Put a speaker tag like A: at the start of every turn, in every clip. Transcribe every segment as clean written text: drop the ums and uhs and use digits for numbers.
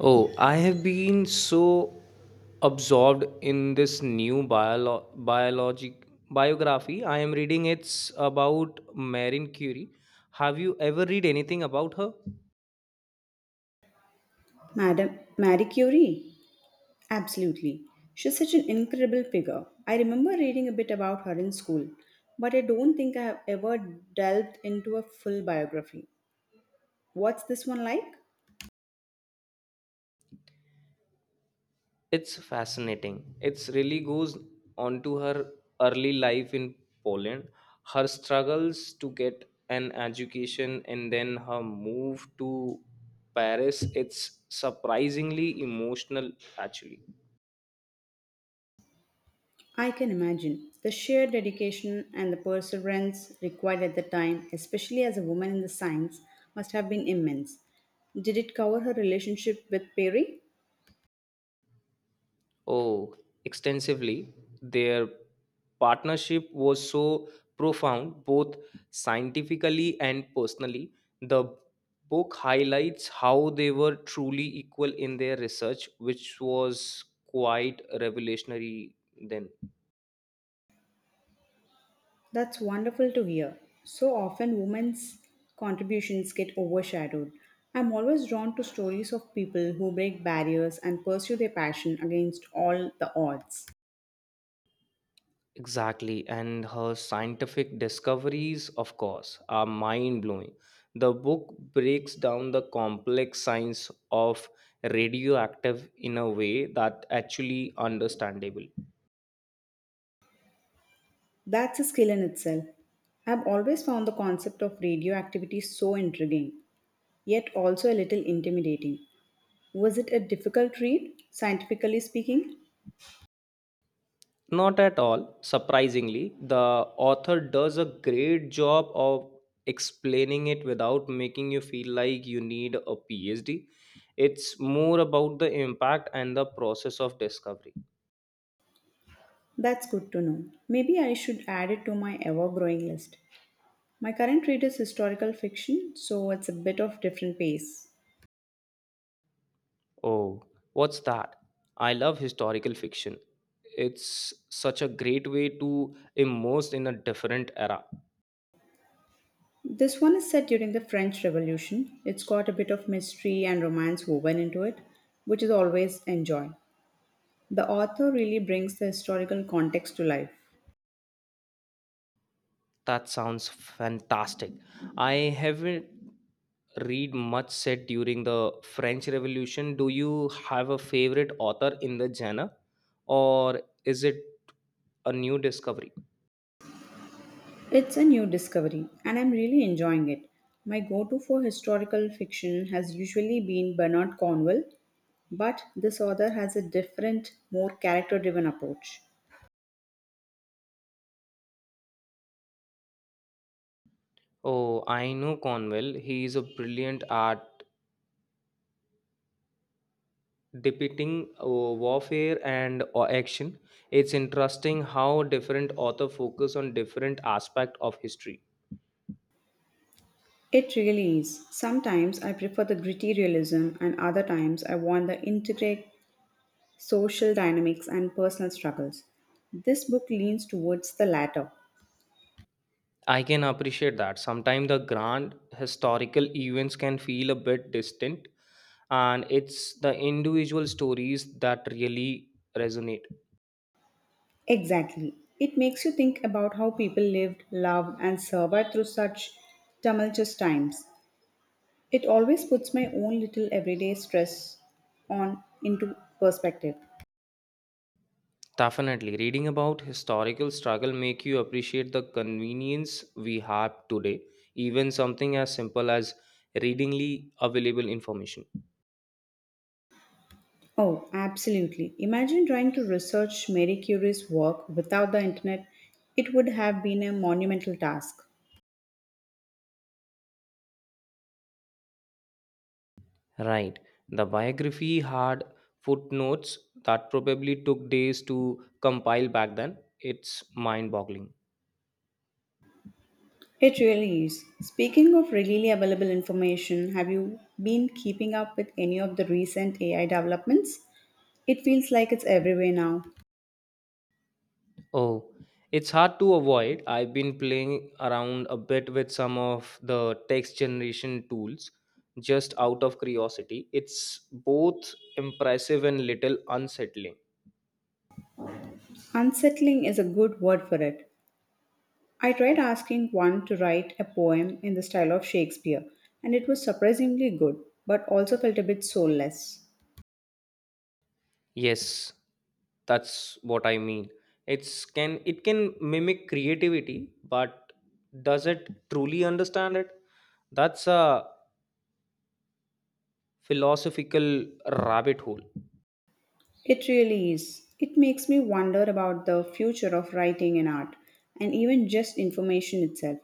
A: Oh, I have been so absorbed in this new biolo- biologic biography. I am reading it's about Marie Curie. Have you ever read anything about her?
B: Madam Marie Curie? Absolutely. She's such an incredible figure. I remember reading a bit about her in school, but I don't think I have ever delved into a full biography. What's this one like?
A: It's fascinating. It's really goes on to her early life in Poland, her struggles to get an education and then her move to Paris. It's surprisingly emotional actually.
B: I can imagine. The sheer dedication and the perseverance required at the time, especially as a woman in the science, must have been immense. Did it cover her relationship with Perry?
A: Oh, extensively. Their partnership was so profound, both scientifically and personally. The book highlights how they were truly equal in their research, which was quite revolutionary then.
B: That's wonderful to hear. So often women's contributions get overshadowed. I'm always drawn to stories of people who break barriers and pursue their passion against all the odds.
A: Exactly, and her scientific discoveries, of course, are mind blowing. The book breaks down the complex science of radioactive in a way that actually understandable.
B: That's a skill in itself. I've always found the concept of radioactivity so intriguing, yet also a little intimidating. Was it a difficult read, scientifically speaking?
A: Not at all, surprisingly, the author does a great job of explaining it without making you feel like you need a PhD. It's more about the impact and the process of discovery.
B: That's good to know. Maybe I should add it to my ever growing list. My current read is historical fiction, so it's a bit of different pace.
A: Oh, what's that? I love historical fiction. It's such a great way to immerse in a different era.
B: This one is set during the French Revolution. It's got a bit of mystery and romance woven into it, which is always enjoy. The author really brings the historical context to life.
A: That sounds fantastic. I haven't read much set during the French Revolution. Do you have a favorite author in the genre, or is it a new discovery?
B: It's a new discovery, and I'm really enjoying it. My go to for historical fiction has usually been Bernard Cornwell, but this author has a different, more character driven approach.
A: Oh, I know Conwell. He is a brilliant at depicting warfare and action. It's interesting how different authors focus on different aspects of history.
B: It really is. Sometimes I prefer the gritty realism, and other times I want the intricate social dynamics and personal struggles. This book leans towards the latter.
A: I can appreciate that. Sometimes the grand historical events can feel a bit distant, and it's the individual stories that really resonate.
B: Exactly. It makes you think about how people lived, loved, and survived through such tumultuous times. It always puts my own little everyday stress on into perspective.
A: Definitely, reading about historical struggle make you appreciate the convenience we have today, even something as simple as readingly available information.
B: Oh, absolutely. Imagine trying to research Marie Curie's work without the internet. It would have been a monumental task.
A: Right. The biography had footnotes that probably took days to compile back then. It's mind boggling.
B: It really is. Speaking of readily available information, have you been keeping up with any of the recent AI developments? It feels like it's everywhere now.
A: Oh, it's hard to avoid. I've been playing around a bit with some of the text generation tools just out of curiosity. It's both impressive and little unsettling.
B: Unsettling is a good word for it. I tried asking one to write a poem in the style of Shakespeare, and it was surprisingly good, but also felt a bit soulless.
A: Yes, that's what I mean. It can mimic creativity, but does it truly understand it? That's a philosophical rabbit hole.
B: It really is. It makes me wonder about the future of writing and art, and even just information itself.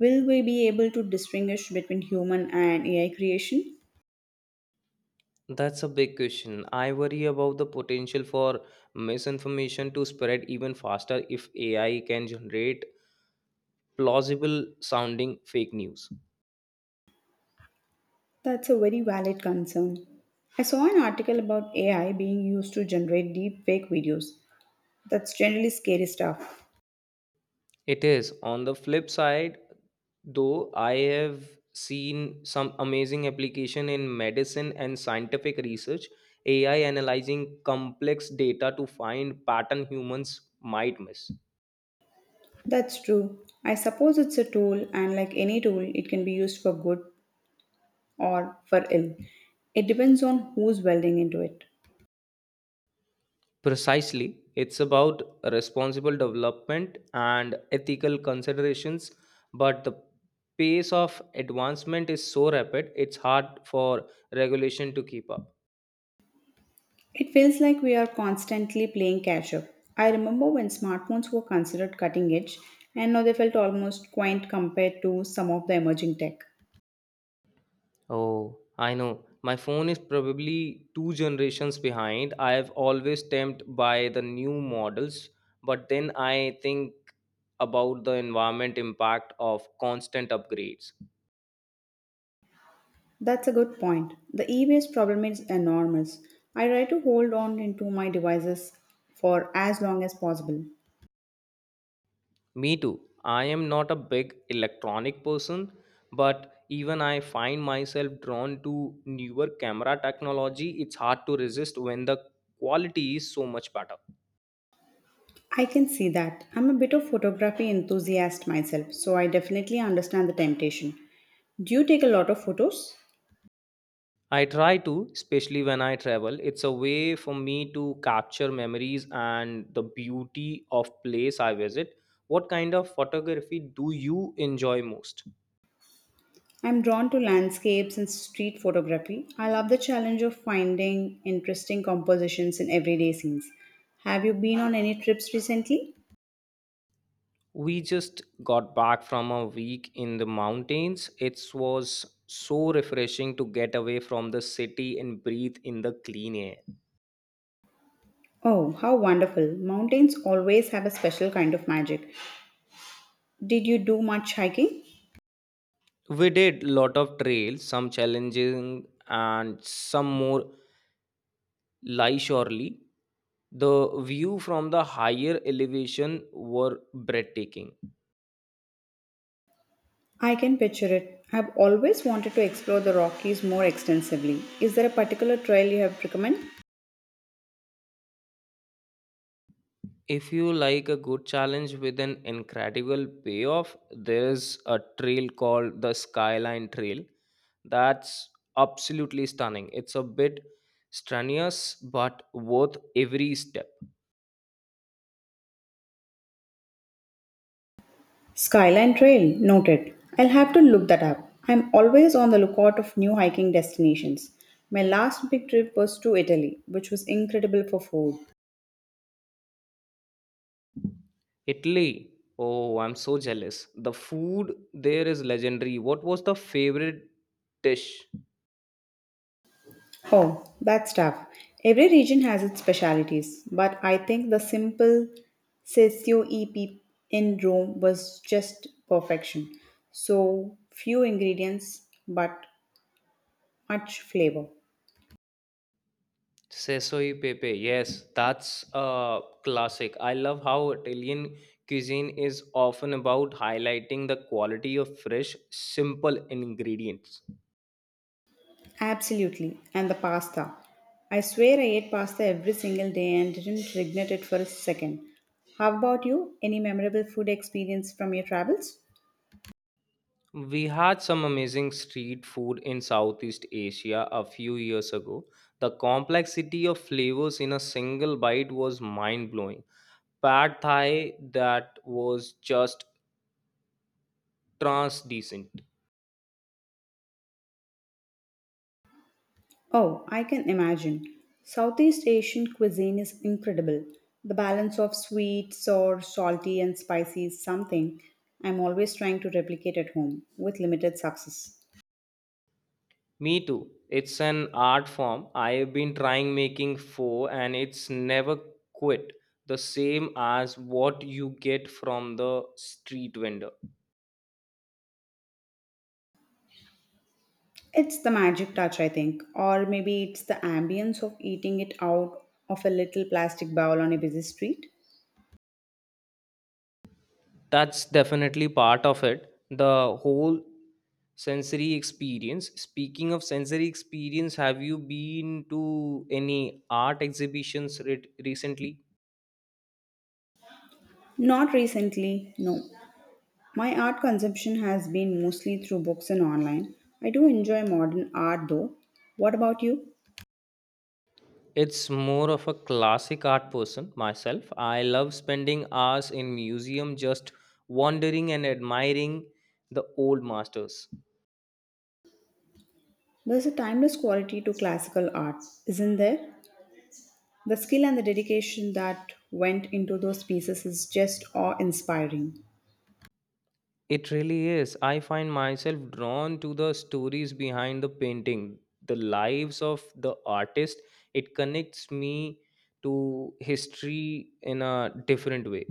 B: Will we be able to distinguish between human and AI creation?
A: That's a big question. I worry about the potential for misinformation to spread even faster if AI can generate plausible sounding fake news.
B: That's a very valid concern. I saw an article about AI being used to generate deep fake videos. That's generally scary stuff.
A: It is. On the flip side, though, I have seen some amazing application in medicine and scientific research, AI analyzing complex data to find pattern humans might miss.
B: That's true. I suppose it's a tool, and like any tool, it can be used for good or for ill. It depends on who's welding into it.
A: Precisely, it's about responsible development and ethical considerations, but the pace of advancement is so rapid, it's hard for regulation to keep up.
B: It feels like we are constantly playing catch up. I remember when smartphones were considered cutting edge, and now they felt almost quaint compared to some of the emerging tech.
A: Oh, I know. My phone is probably two generations behind. I have always tempted by the new models, but then I think about the environment impact of constant upgrades.
B: That's a good point. The e waste problem is enormous. I try to hold on into my devices for as long as possible.
A: Me too. I am not a big electronic person, but even I find myself drawn to newer camera technology. It's hard to resist when the quality is so much better.
B: I can see that. I'm a bit of photography enthusiast myself, so I definitely understand the temptation. Do you take a lot of photos?
A: I try to, especially when I travel. It's a way for me to capture memories and the beauty of place I visit. What kind of photography do you enjoy most?
B: I'm drawn to landscapes and street photography. I love the challenge of finding interesting compositions in everyday scenes. Have you been on any trips recently?
A: We just got back from a week in the mountains. It was so refreshing to get away from the city and breathe in the clean air.
B: Oh, how wonderful! Mountains always have a special kind of magic. Did you do much hiking?
A: We did lot of trails, some challenging and some more leisurely. The view from the higher elevation were breathtaking.
B: I can picture it. I've always wanted to explore the Rockies more extensively. Is there a particular trail you have recommend?
A: If you like a good challenge with an incredible payoff, there is a trail called the Skyline Trail. That's absolutely stunning. It's a bit strenuous, but worth every step.
B: Skyline Trail, noted. I'll have to look that up. I'm always on the lookout of new hiking destinations. My last big trip was to Italy, which was incredible for food.
A: Italy. Oh, I'm so jealous. The food there is legendary. What was the favorite dish?
B: Oh, that's tough. Every region has its specialities, but I think the simple Sessio EP in Rome was just perfection. So few ingredients, but much flavor.
A: Sesoi pepe, yes, that's a classic. I love how Italian cuisine is often about highlighting the quality of fresh, simple ingredients.
B: Absolutely. And the pasta. I swear I ate pasta every single day and didn't regret it for a second. How about you? Any memorable food experience from your travels?
A: We had some amazing street food in Southeast Asia a few years ago. The complexity of flavors in a single bite was mind blowing. Pad Thai that was just trans decent.
B: Oh, I can imagine. Southeast Asian cuisine is incredible. The balance of sweet, sour, salty, and spicy is something I'm always trying to replicate at home with limited success.
A: Me too. It's an art form. I've been trying making four and it's never quit. The same as what you get from the street vendor.
B: It's the magic touch, I think, or maybe it's the ambience of eating it out of a little plastic bowl on a busy street.
A: That's definitely part of it. The whole sensory experience. Speaking of sensory experience, have you been to any art exhibitions recently?
B: Not recently, no. My art consumption has been mostly through books and online. I do enjoy modern art though. What about you?
A: It's more of a classic art person myself. I love spending hours in museum just wandering and admiring the old masters.
B: There's a timeless quality to classical art, isn't there? The skill and the dedication that went into those pieces is just awe inspiring.
A: It really is. I find myself drawn to the stories behind the painting, the lives of the artist. It connects me to history in a different way.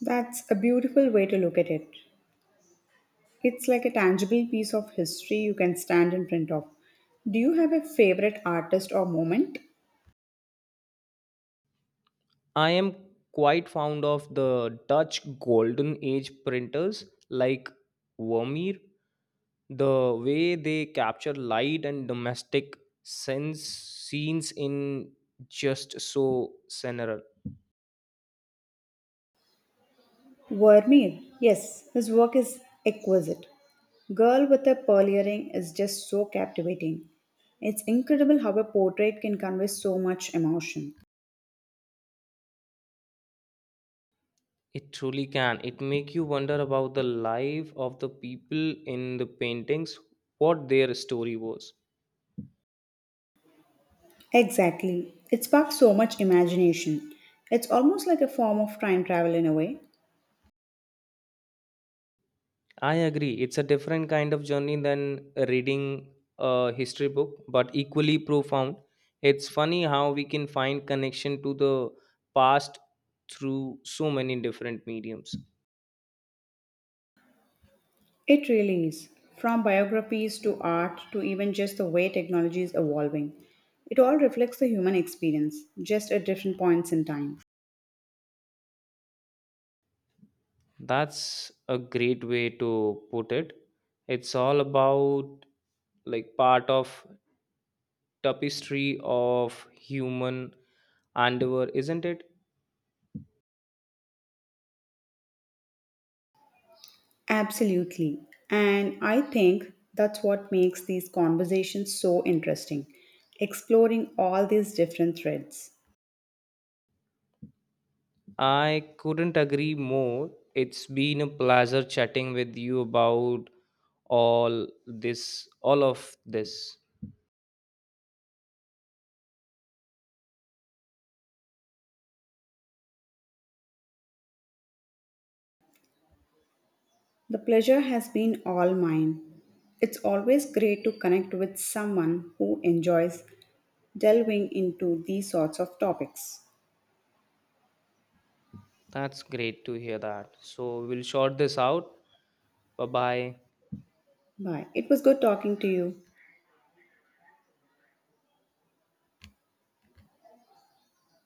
B: That's a beautiful way to look at it. It's like a tangible piece of history you can stand in front of. Do you have a favorite artist or moment?
A: I am quite fond of the Dutch golden age printers like Vermeer, the way they capture light and domestic sense scenes in just so scenario.
B: Vermeer, yes, his work is exquisite. Girl with a Pearl Earring is just so captivating. It's incredible how a portrait can convey so much emotion.
A: It truly can. It make you wonder about the life of the people in the paintings, what their story was.
B: Exactly. It sparks so much imagination. It's almost like a form of time travel in a way.
A: I agree, it's a different kind of journey than reading a history book, but equally profound. It's funny how we can find connection to the past through so many different mediums.
B: It really is. From biographies to art to even just the way technology is evolving, it all reflects the human experience, just at different points in time.
A: That's a great way to put it. It's all about like part of tapestry of human endeavor, isn't it?
B: Absolutely. And I think that's what makes these conversations so interesting, exploring all these different threads.
A: I couldn't agree more. It's been a pleasure chatting with you about all this, all of this.
B: The pleasure has been all mine. It's always great to connect with someone who enjoys delving into these sorts of topics.
A: That's great to hear that. So we'll short this out. Bye bye.
B: Bye. It was good talking to you.